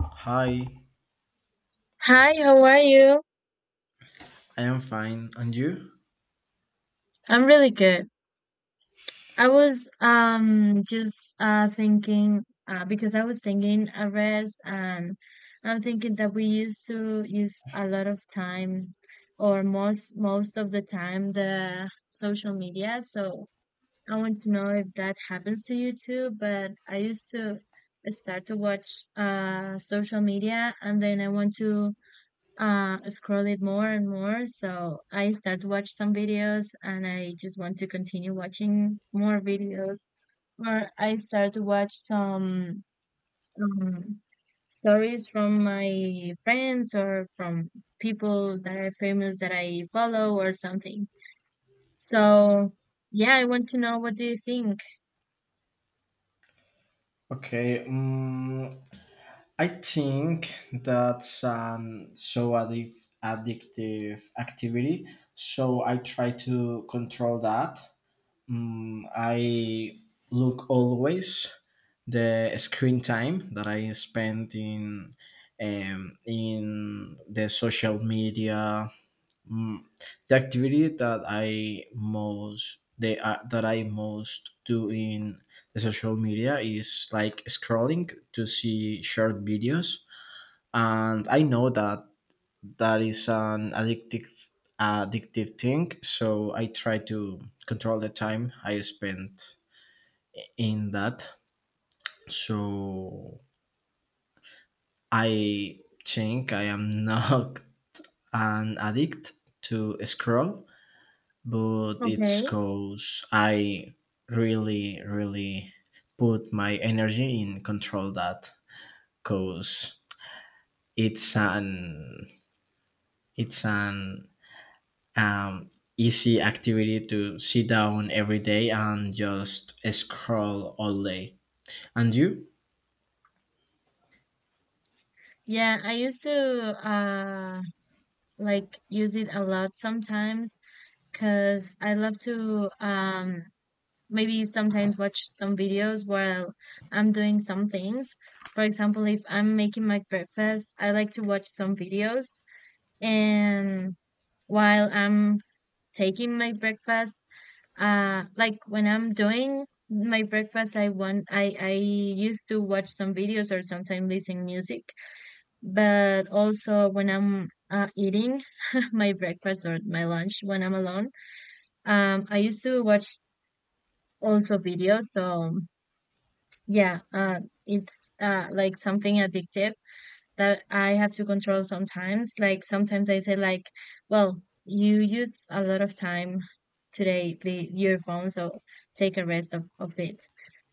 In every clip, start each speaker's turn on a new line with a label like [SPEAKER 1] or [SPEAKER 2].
[SPEAKER 1] Hi,
[SPEAKER 2] Hi, how are you?
[SPEAKER 1] I am fine. And you?
[SPEAKER 2] I'm really good. I was just thinking because I was thinking a and I'm thinking that we used to use a lot of time or most of the time the social media. So I want to know if that happens to you too, but I used to start to watch social media and then I want to scroll it more and more, so I start to watch some videos and I just want to continue watching more videos. Or I start to watch some um, stories from my friends or from people that are famous that I follow or something. So yeah, I want to know what do you think.
[SPEAKER 1] Okay, I think that's an so addictive activity. So I try to control that. I look always the screen time that I spend in the social media. The activity that I most they that I most do in the social media is like scrolling to see short videos, and I know that that is an addictive thing. So I try to control the time I spend in that. So I think I am not an addict to scroll, but it's
[SPEAKER 2] Okay.
[SPEAKER 1] cause I really, really put my energy in control that, cause it's an it's an um, easy activity to sit down every day and just scroll all day. And you?
[SPEAKER 2] Yeah, I used to like use it a lot sometimes because I love to maybe sometimes watch some videos while I'm doing some things. For example, if I'm making my breakfast, I like to watch some videos. And while I'm taking my breakfast, like when I'm doing my breakfast, I want I used to watch some videos or sometimes listen music. But also when I'm eating my breakfast or my lunch when I'm alone, I used to watch also videos. So yeah, it's like something addictive that I have to control sometimes. Like sometimes I say like, well, you use a lot of time today, the your phone, so take a rest of it.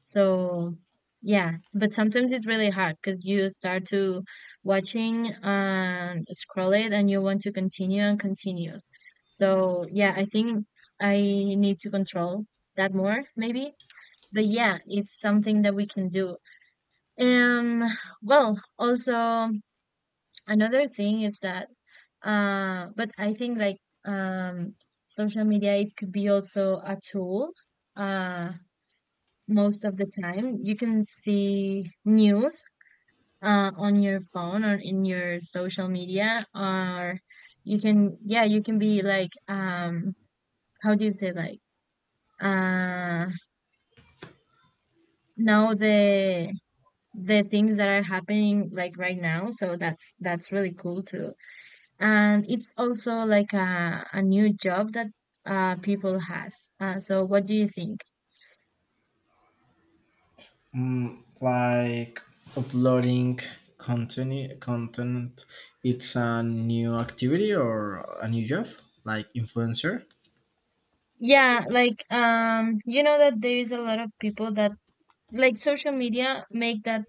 [SPEAKER 2] So yeah, but sometimes it's really hard because you start to watching and scroll it and you want to continue and continue. So yeah, I think I need to control that more maybe. But yeah, it's something that we can do. um, well, also another thing is that but I think like um social media, it could be also a tool uh most of the time. You can see news on your phone or in your social media, or you can, yeah, you can be like, how do you say like uh know the things that are happening like right now. So that's really cool too, and it's also like a new job that people has, so what do you think.
[SPEAKER 1] Like uploading content, it's a new activity or a new job, like influencer?
[SPEAKER 2] Yeah, like you know that there is a lot of people that like social media make that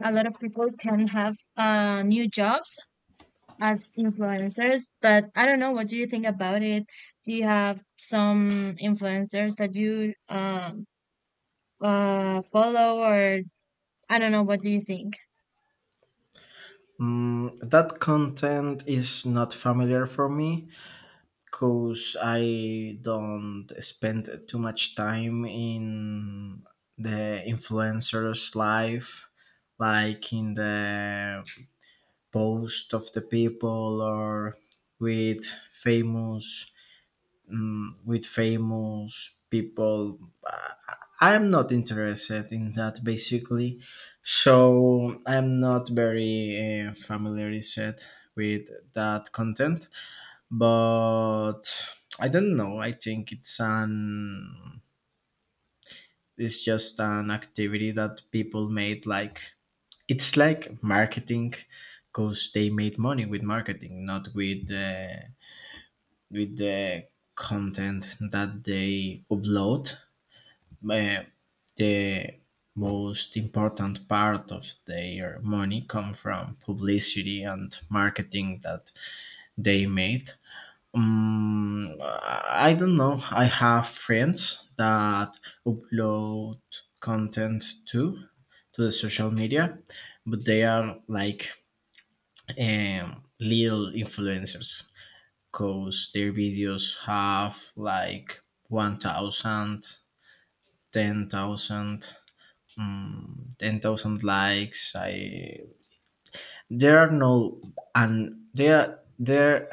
[SPEAKER 2] a lot of people can have new jobs as influencers, but I don't know what do you think about it. Do you have some influencers that you follow, or I don't know, what do you think.
[SPEAKER 1] That content is not familiar for me because I don't spend too much time in the influencer's life, like in the post of the people, or with famous with famous people. Uh, I'm not interested in that basically, so I'm not very familiarized with that content. But I don't know. I think it's just an activity that people made, like it's like marketing, because they made money with marketing, not with the content that they upload. uh, the most important part of their money come from publicity and marketing that they made. I don't know. I have friends that upload content too to the social media, but they are like little influencers because their videos have like 1,000, 10,000, 10,000 likes. I There are no, and they are there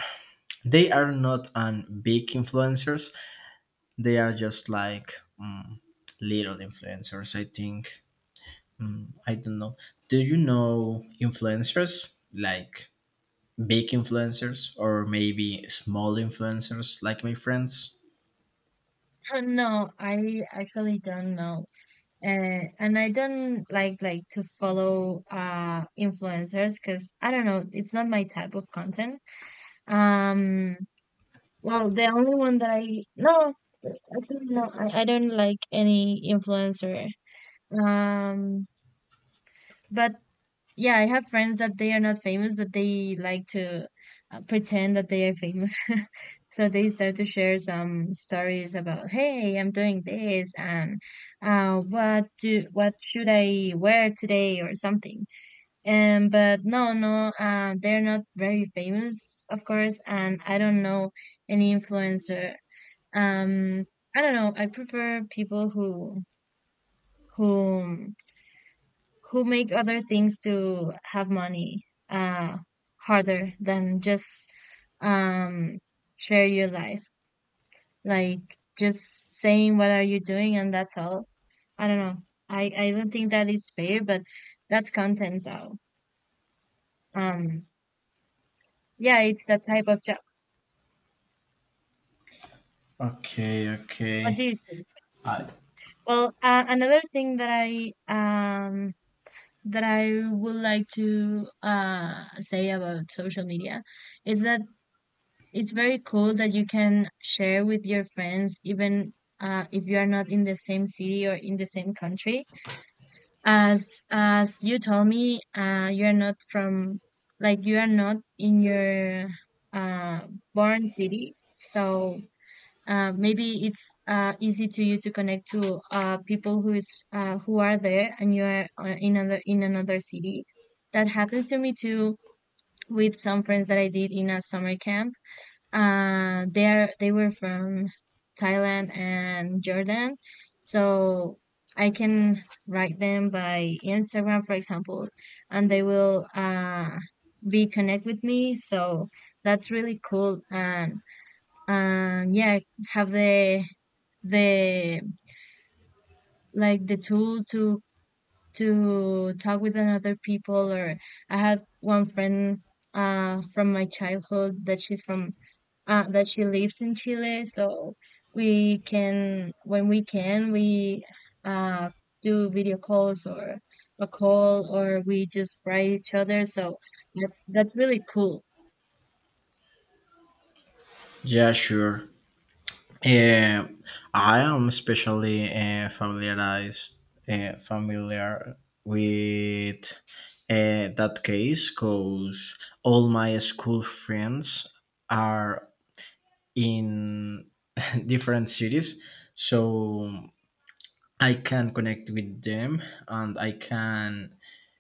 [SPEAKER 1] they are not an big influencers. They are just like, mm, little influencers, I think. I don't know. Do you know influencers, like big influencers, or maybe small influencers like my friends?
[SPEAKER 2] No, I actually don't know. And I don't like to follow influencers because I don't know, it's not my type of content. Um, well, the only one that I, no, actually no, I don't like any influencer. Um, but yeah, I have friends that they are not famous, but they like to pretend that they are famous. So they start to share some stories about, hey, I'm doing this, and what should I wear today or something. And but no, they're not very famous, of course, and I don't know any influencer. Um, I don't know. I prefer people who who who make other things to have money harder than just um share your life, like just saying what are you doing and that's all. I don't know, I don't think that is fair, but that's content. So um yeah, it's that type of job.
[SPEAKER 1] Okay,
[SPEAKER 2] What do
[SPEAKER 1] okay.
[SPEAKER 2] you think?
[SPEAKER 1] I,
[SPEAKER 2] Well, another thing that I would like to say about social media is that it's very cool that you can share with your friends, even if you are not in the same city or in the same country. As you told me, you are not from, like you are not in your uh, born city, so maybe it's easy to you to connect to people who is who are there and you are in another city. That happens to me too with some friends that I did in a summer camp. They were from Thailand and Jordan, so I can write them by Instagram, for example, and they will be connect with me. So that's really cool, and yeah, have the like the tool to talk with another people. Or I have one friend from my childhood that she's from that she lives in Chile, so we can when we can we uh, do video calls or a call, or we just write each other. So that's really cool.
[SPEAKER 1] yeah, sure. Uh, I am especially familiar with that case because all my school friends are in different cities, so I can connect with them, and I can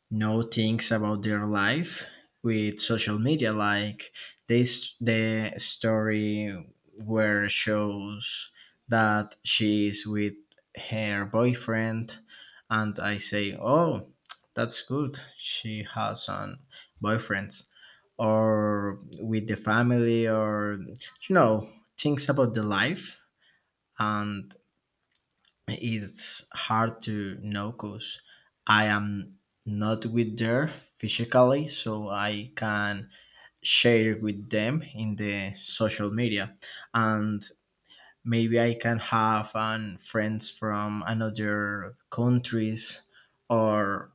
[SPEAKER 1] know things about their life with social media, like this the story where shows that she is with her boyfriend, and I say, oh, that's good, she has an boyfriend, or with the family, or you know things about the life. And it's hard to know because I am not with there physically, so I can share with them in the social media, and maybe I can have friends from another countries or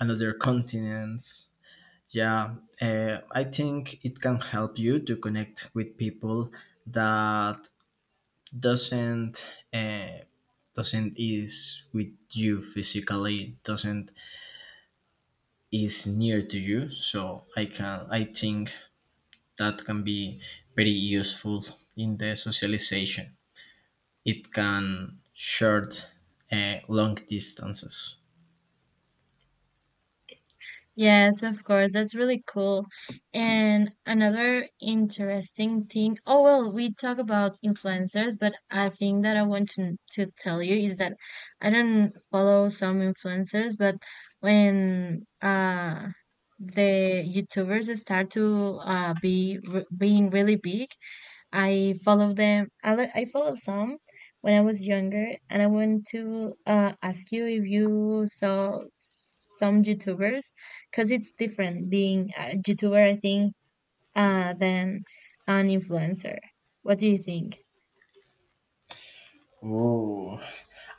[SPEAKER 1] another continents. Yeah, I think it can help you to connect with people that doesn't, uh, doesn't is with you physically, doesn't is near to you. So I think that can be very useful in the socialization. It can short long distances.
[SPEAKER 2] Yes, of course. That's really cool. And another interesting thing, oh well, we talk about influencers, but I think that I want to tell you is that I don't follow some influencers, but when the YouTubers start to be re being really big, I follow them. I follow some when I was younger, and I want to ask you if you saw some YouTubers, because it's different being a YouTuber, I think, than an influencer. What do you think?
[SPEAKER 1] Oh,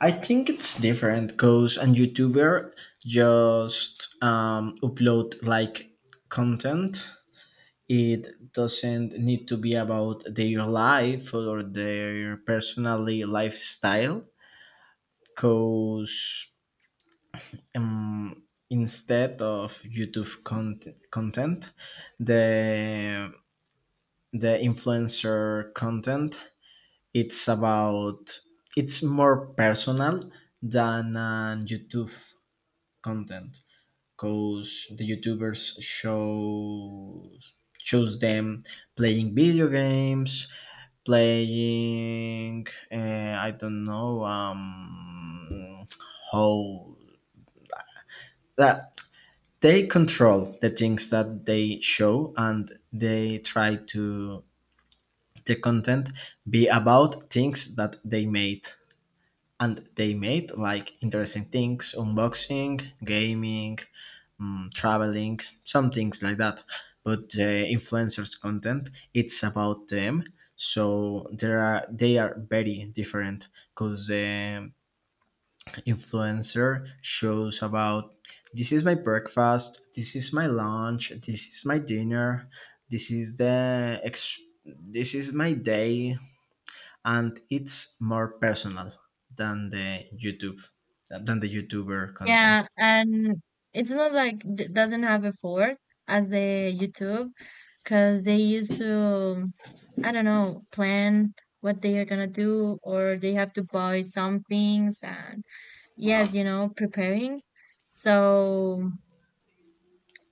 [SPEAKER 1] I think it's different because a YouTuber just upload like content. It doesn't need to be about their life or their personally lifestyle, because, instead of YouTube content, the the influencer content, it's about it's more personal than on YouTube content, because the YouTubers show shows them playing video games, playing, I don't know, how that they control the things that they show, and they try to the content be about things that they made. And they made like interesting things: unboxing, gaming, traveling, some things like that. But the influencers' content, it's about them. So there are they are very different because the influencer shows about, this is my breakfast, this is my lunch, this is my dinner, this is the ex- this is my day, and it's more personal than the YouTube than the YouTuber
[SPEAKER 2] Yeah,
[SPEAKER 1] content.
[SPEAKER 2] and it's not like d doesn't have a fork as the YouTube, because they used to, I don't know, plan what they are gonna do, or they have to buy some things and, yes, you know, preparing. So,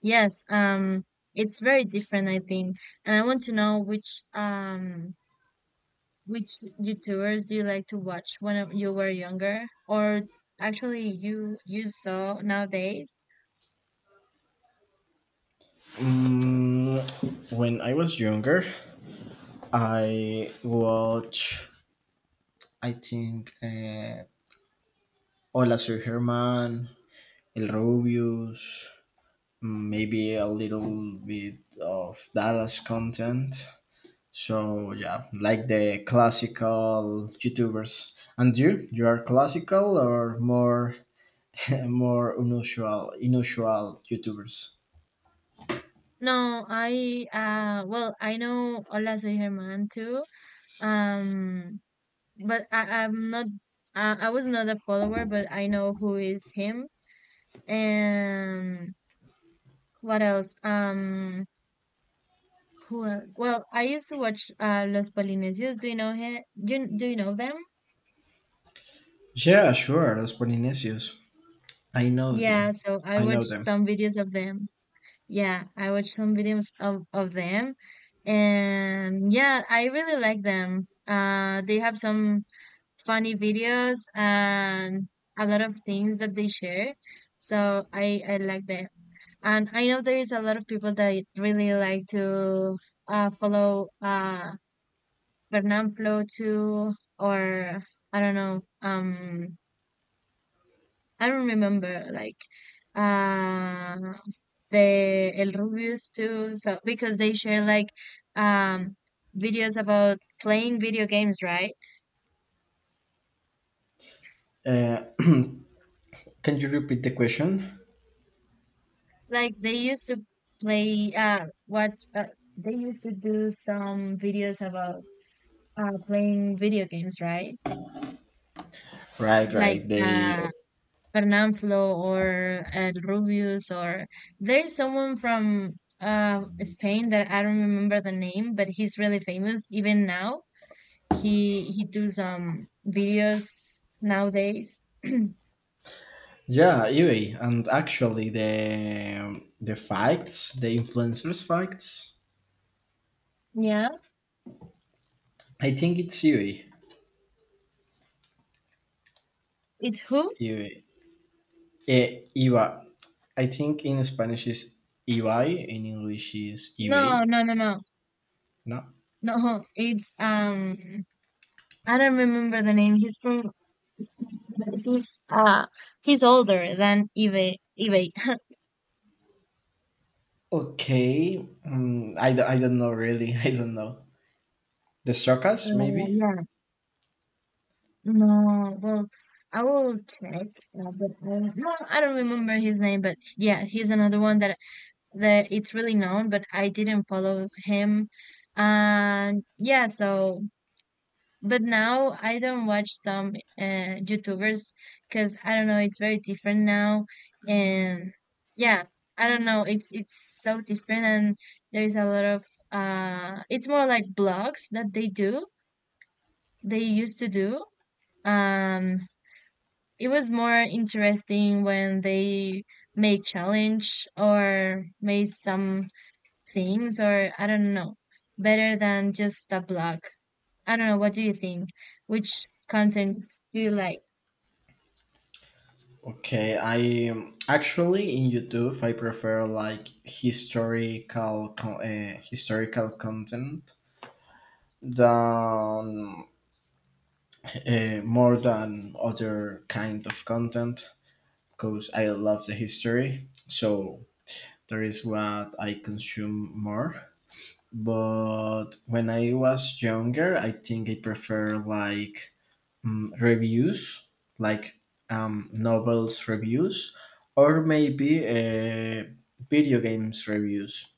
[SPEAKER 2] yes, it's very different, I think. And I want to know which YouTubers do you like to watch when you were younger, or actually you you saw nowadays?
[SPEAKER 1] Mm, when I was younger, I watch, I think, Hola Soy Herman, El Rubius, maybe a little bit of Dallas content. So yeah, like the classical YouTubers. And you, are classical, or more more unusual YouTubers?
[SPEAKER 2] No, I well, I know Hola Soy Germán too. Um, but I'm not I was not a follower, but I know who is him. And what else? Cool. Well, I used to watch Los Polinesios. Do you know him? Do you know them?
[SPEAKER 1] Yeah, sure. Los Polinesios. I know
[SPEAKER 2] Yeah,
[SPEAKER 1] them.
[SPEAKER 2] so I
[SPEAKER 1] I know
[SPEAKER 2] watched
[SPEAKER 1] them.
[SPEAKER 2] some videos of them. Yeah, I watched some videos of them. And yeah, I really like them. They have some funny videos and a lot of things that they share. So I like them. And I know there is a lot of people that really like to follow Fernanfloo too, or I don't know. I don't remember like uh the El Rubius too. So because they share like um videos about playing video games, right?
[SPEAKER 1] Uh, can you repeat the question?
[SPEAKER 2] Like they used to play what they used to do some videos about playing video games, right?
[SPEAKER 1] Right,
[SPEAKER 2] Like
[SPEAKER 1] right.
[SPEAKER 2] Fernanfloo or El Rubius, or there's someone from Spain that I don't remember the name, but he's really famous even now. He do some videos nowadays.
[SPEAKER 1] Yeah, anyway. And actually the facts, the influencers facts.
[SPEAKER 2] Yeah,
[SPEAKER 1] I think it's Iwi.
[SPEAKER 2] it's who?
[SPEAKER 1] Iwi. Iwa. I think in Spanish is Ibai, in English is Ibai.
[SPEAKER 2] No, no, no, no,
[SPEAKER 1] No.
[SPEAKER 2] no. It's I don't remember the name. He's from he's uh he's older than Ibe.
[SPEAKER 1] Okay. I don't know, really. I don't know. The Sokas, maybe?
[SPEAKER 2] Yeah. No, well, I will check, but I, no, I don't remember his name, but yeah, he's another one that that it's really known, but I didn't follow him. And yeah, so but now I don't watch some YouTubers because I don't know, it's very different now, and yeah, I don't know, it's so different, and there's a lot of it's more like blogs that they do, they used to do. Um, it was more interesting when they made challenge or made some things, or I don't know, better than just a blog. I don't know, what do you think? Which content do you like?
[SPEAKER 1] Okay, I actually in YouTube I prefer like historical content, than more than other kind of content, because I love the history. So there is what I consume more. But when I was younger, I think I prefer like, reviews, like, novels reviews, or maybe, video games reviews.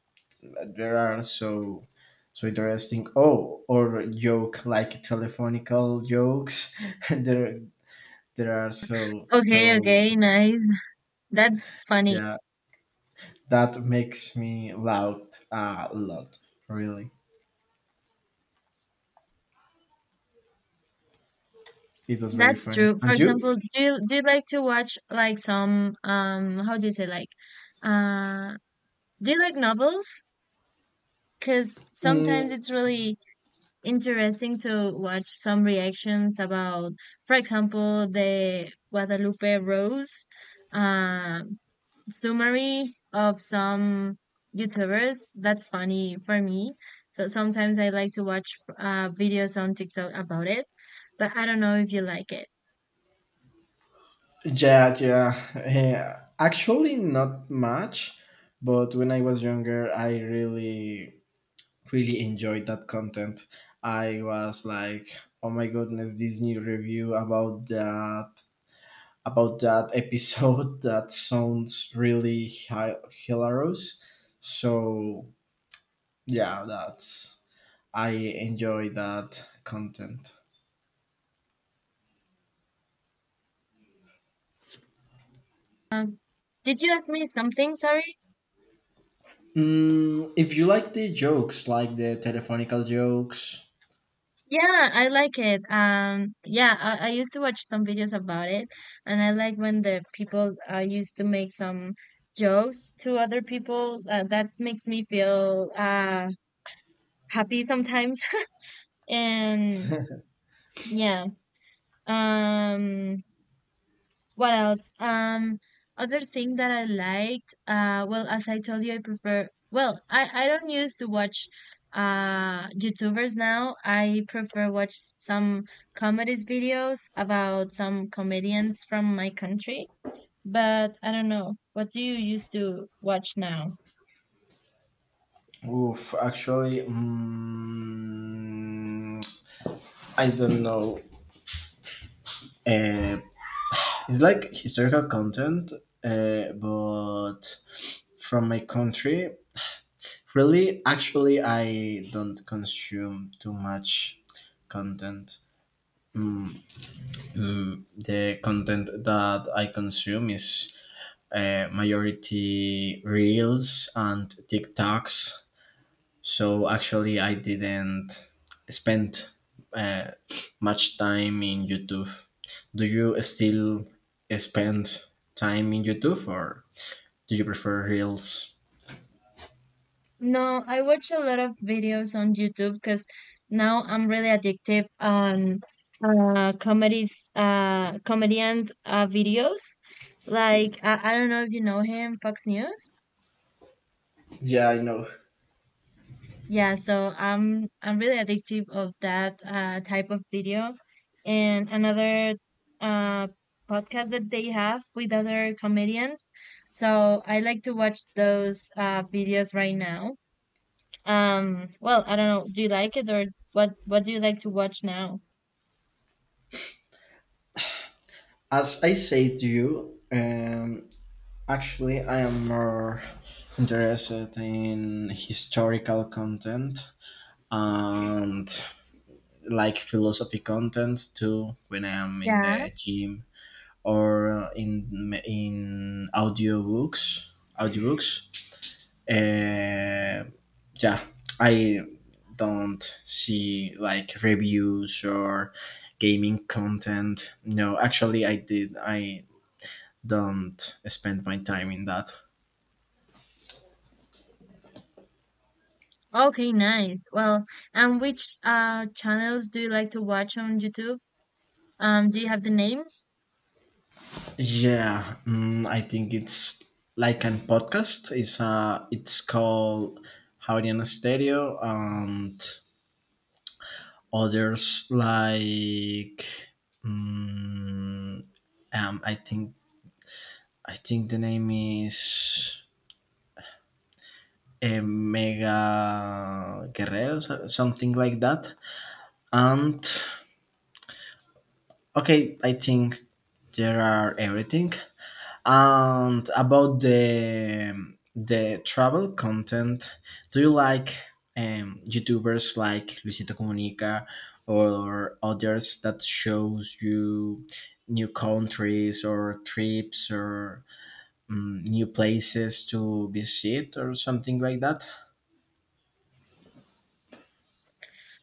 [SPEAKER 1] There are so so interesting. Oh, or joke, like telephonical jokes. there there are so
[SPEAKER 2] Okay,
[SPEAKER 1] so
[SPEAKER 2] okay, nice. That's funny.
[SPEAKER 1] yeah. That makes me loud a lot. Really, it was very
[SPEAKER 2] That's
[SPEAKER 1] funny.
[SPEAKER 2] true. For
[SPEAKER 1] And
[SPEAKER 2] example,
[SPEAKER 1] you?
[SPEAKER 2] do you like to watch like some how do you say like uh do you like novels? Because sometimes
[SPEAKER 1] Mm,
[SPEAKER 2] it's really interesting to watch some reactions about, for example, the Guadalupe Rose uh, summary of some YouTubers. That's funny for me. So sometimes I like to watch videos on TikTok about it, but I don't know if you like it.
[SPEAKER 1] yeah, yeah, yeah. Actually, not much. But when I was younger, I really really enjoyed that content. I was like, oh my goodness, this new review about that episode that sounds really hilarious. So yeah, that's I enjoy that content.
[SPEAKER 2] Um, did you ask me something? Sorry.
[SPEAKER 1] If you like the jokes, like the telephonical jokes.
[SPEAKER 2] Yeah, I like it. Yeah, I used to watch some videos about it, and I like when the people used to make some jokes to other people. That makes me feel happy sometimes. And yeah, um, what else? Other thing that I liked, well, as I told you, I prefer, well, I don't use to watch YouTubers now. I prefer watch some comedies videos about some comedians from my country, but I don't know. What do you used to watch now?
[SPEAKER 1] Oof, actually, I don't know. Uh, it's like historical content, but from my country. Really, actually, I don't consume too much content. Mm, the content that I consume is, majority reels and TikToks. So actually, I didn't spend uh, much time in YouTube. Do you still spend time in YouTube, or do you prefer reels?
[SPEAKER 2] No, I watch a lot of videos on YouTube because now I'm really addicted on comedies comedian videos. Like I don't know if you know him, Fox News.
[SPEAKER 1] Yeah, I know.
[SPEAKER 2] Yeah, so I'm really addicted of that type of video. And another uh podcast that they have with other comedians. So I like to watch those videos right now. I don't know. Do you like it, or what do you like to watch now?
[SPEAKER 1] As I say to you, actually, I am more interested in historical content, and like philosophy content too, when I am in
[SPEAKER 2] Yeah.
[SPEAKER 1] the gym, or in audiobooks. Audiobooks. Uh, yeah, I don't see like reviews or gaming content. No, actually, I did. I don't spend my time in that.
[SPEAKER 2] Okay, nice. Well, and which channels do you like to watch on YouTube? Do you have the names?
[SPEAKER 1] Yeah, I think it's like an podcast. It's called Hawaiian Stereo, and others like, mm, um, I think I think the name is, Mega Guerrero, something like that. And okay, I think there are everything. And about the travel content, do you like YouTubers like Luisito Comunica, or others that shows you new countries or trips, or new places to visit or something like that?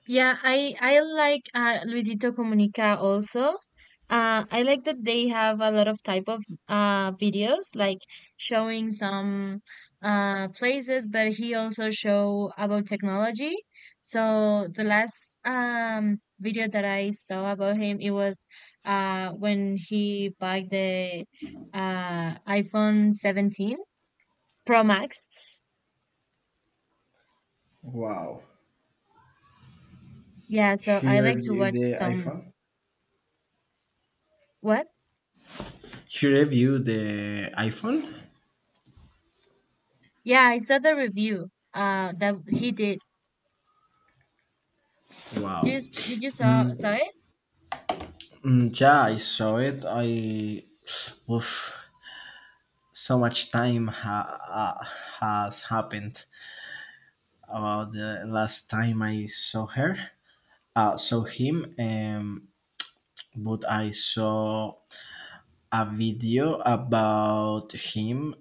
[SPEAKER 2] Yeah, I like Luisito Comunica also. I like that they have a lot of type of videos, like showing some places, but he also show about technology. So the last video that I saw about him, it was when he bought the iPhone 17 Pro Max.
[SPEAKER 1] Wow.
[SPEAKER 2] Yeah, so
[SPEAKER 1] he
[SPEAKER 2] I like to
[SPEAKER 1] you
[SPEAKER 2] watch
[SPEAKER 1] The
[SPEAKER 2] some—
[SPEAKER 1] iPhone?
[SPEAKER 2] what?
[SPEAKER 1] He reviewed the iPhone.
[SPEAKER 2] Yeah, I saw the review that he did. Did
[SPEAKER 1] Wow.
[SPEAKER 2] you, did you saw saw
[SPEAKER 1] Mm,
[SPEAKER 2] it?
[SPEAKER 1] mm, yeah, I saw it. I Oof, so much time has happened about the last time I saw him, but I saw a video about him.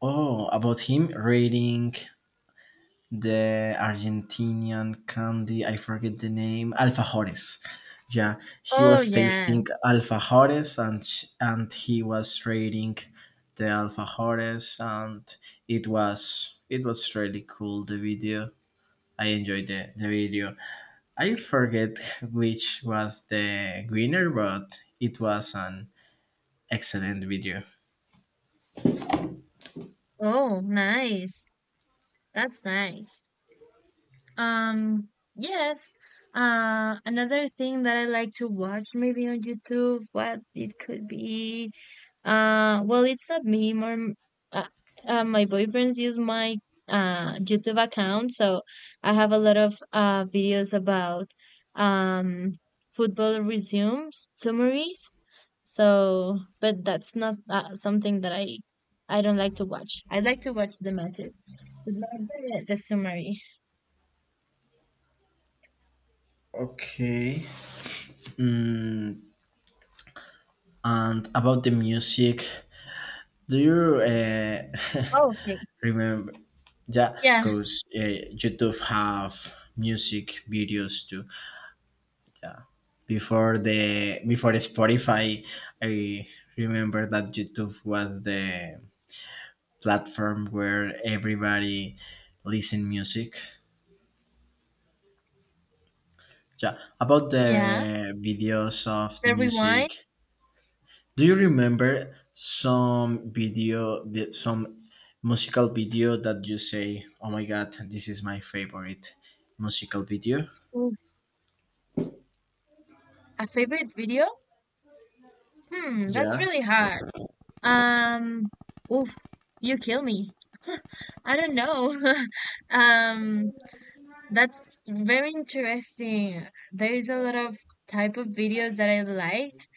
[SPEAKER 1] Oh, about him reading the Argentinian candy. I forget the name. Alfajores. Yeah, he
[SPEAKER 2] Oh
[SPEAKER 1] was
[SPEAKER 2] yeah.
[SPEAKER 1] tasting alfajores, and and he was rating the alfajores, and it was really cool, the video. I enjoyed the video. I forget which was the winner, but it was an excellent video.
[SPEAKER 2] Oh, nice. That's nice. Um, yes. Another thing that I like to watch maybe on YouTube, what it could be, well, it's not me, more, uh, my boyfriends use my YouTube account, so I have a lot of videos about um football resumes summaries. So, but that's not something that I don't like to watch. I like to watch the matches, but not the, the summary.
[SPEAKER 1] Okay. Mm, and about the music, do you,
[SPEAKER 2] Oh, okay.
[SPEAKER 1] remember? Yeah,
[SPEAKER 2] Yeah,
[SPEAKER 1] because, YouTube have music videos too. Yeah, before the Spotify, I remember that YouTube was the platform where everybody listen music. Yeah, about
[SPEAKER 2] yeah.
[SPEAKER 1] the videos of the
[SPEAKER 2] The rewind.
[SPEAKER 1] music, do you remember some video, some musical video that you say, "Oh my God, this is my favorite musical video"?
[SPEAKER 2] Oof. A favorite video? Hmm, that's
[SPEAKER 1] Yeah.
[SPEAKER 2] really hard. Um, oof, you kill me. I don't know. Um, that's very interesting. There is a lot of type of videos that I liked.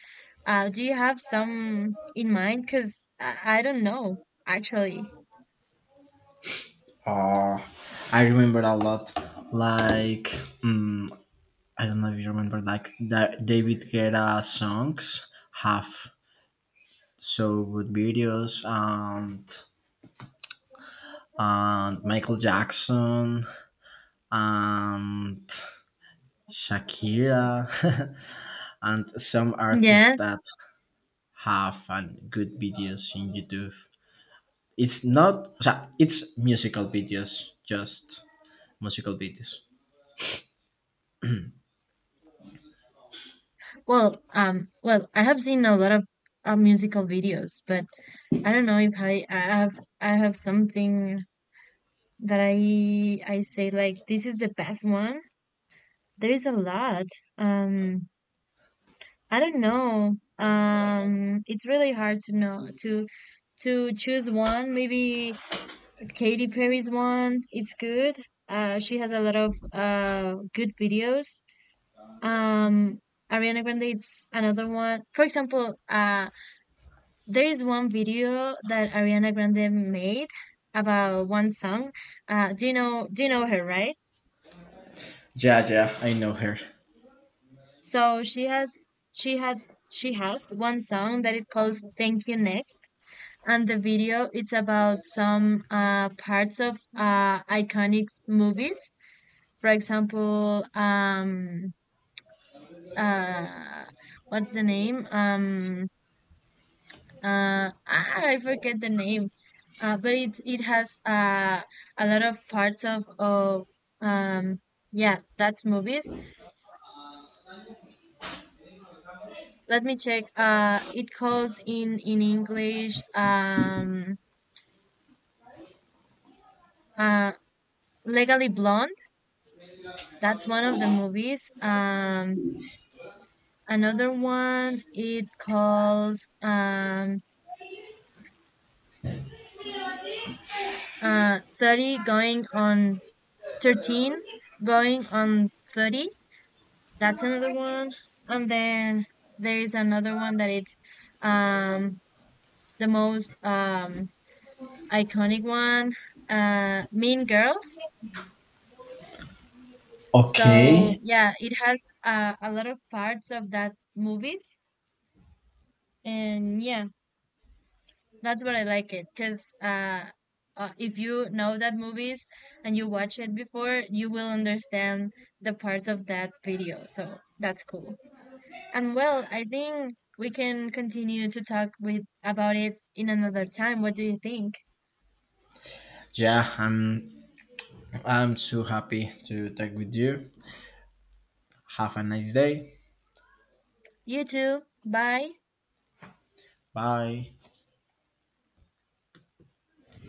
[SPEAKER 2] Do you have some in mind? Because I don't know, actually.
[SPEAKER 1] Uh, I remember a lot. Like, mm, I don't know if you remember, like that David Guetta songs have so good videos, and Michael Jackson and Shakira, and some artists
[SPEAKER 2] Yes.
[SPEAKER 1] that have and good videos in YouTube. It's not, o sea, it's musical videos, just musical videos.
[SPEAKER 2] Well, well, I have seen a lot of musical videos, but I don't know if I have I have something that I say, like, this is the best one. There is a lot. Um, I don't know. It's really hard to know to choose one. Maybe Katy Perry's one. It's good. She has a lot of good videos. Um, Ariana Grande. It's another one. For example, There is one video that Ariana Grande made about one song. Do you know her, right?
[SPEAKER 1] Yeah, yeah, I know her.
[SPEAKER 2] So she has she had she has one song that it calls Thank You Next. And the video it's about some parts of iconic movies. For example, uh what's the name? I forget the name, but it has a lot of parts of um yeah that's movies. Let me check. It calls in English uh Legally Blonde. That's one of the movies. Another one it calls 30 going on 13 going on 30. That's another one. And then there's another one that it's um the most iconic one, Mean Girls. So
[SPEAKER 1] Okay.
[SPEAKER 2] yeah, it has a lot of parts of that movies, and yeah, that's what I like it because if you know that movies and you watch it before, you will understand the parts of that video. So that's cool. And well, I think we can continue to talk with about it in another time. What do you think?
[SPEAKER 1] Yeah, I'm so happy to talk with you. Have a nice day.
[SPEAKER 2] You too. Bye.
[SPEAKER 1] Bye.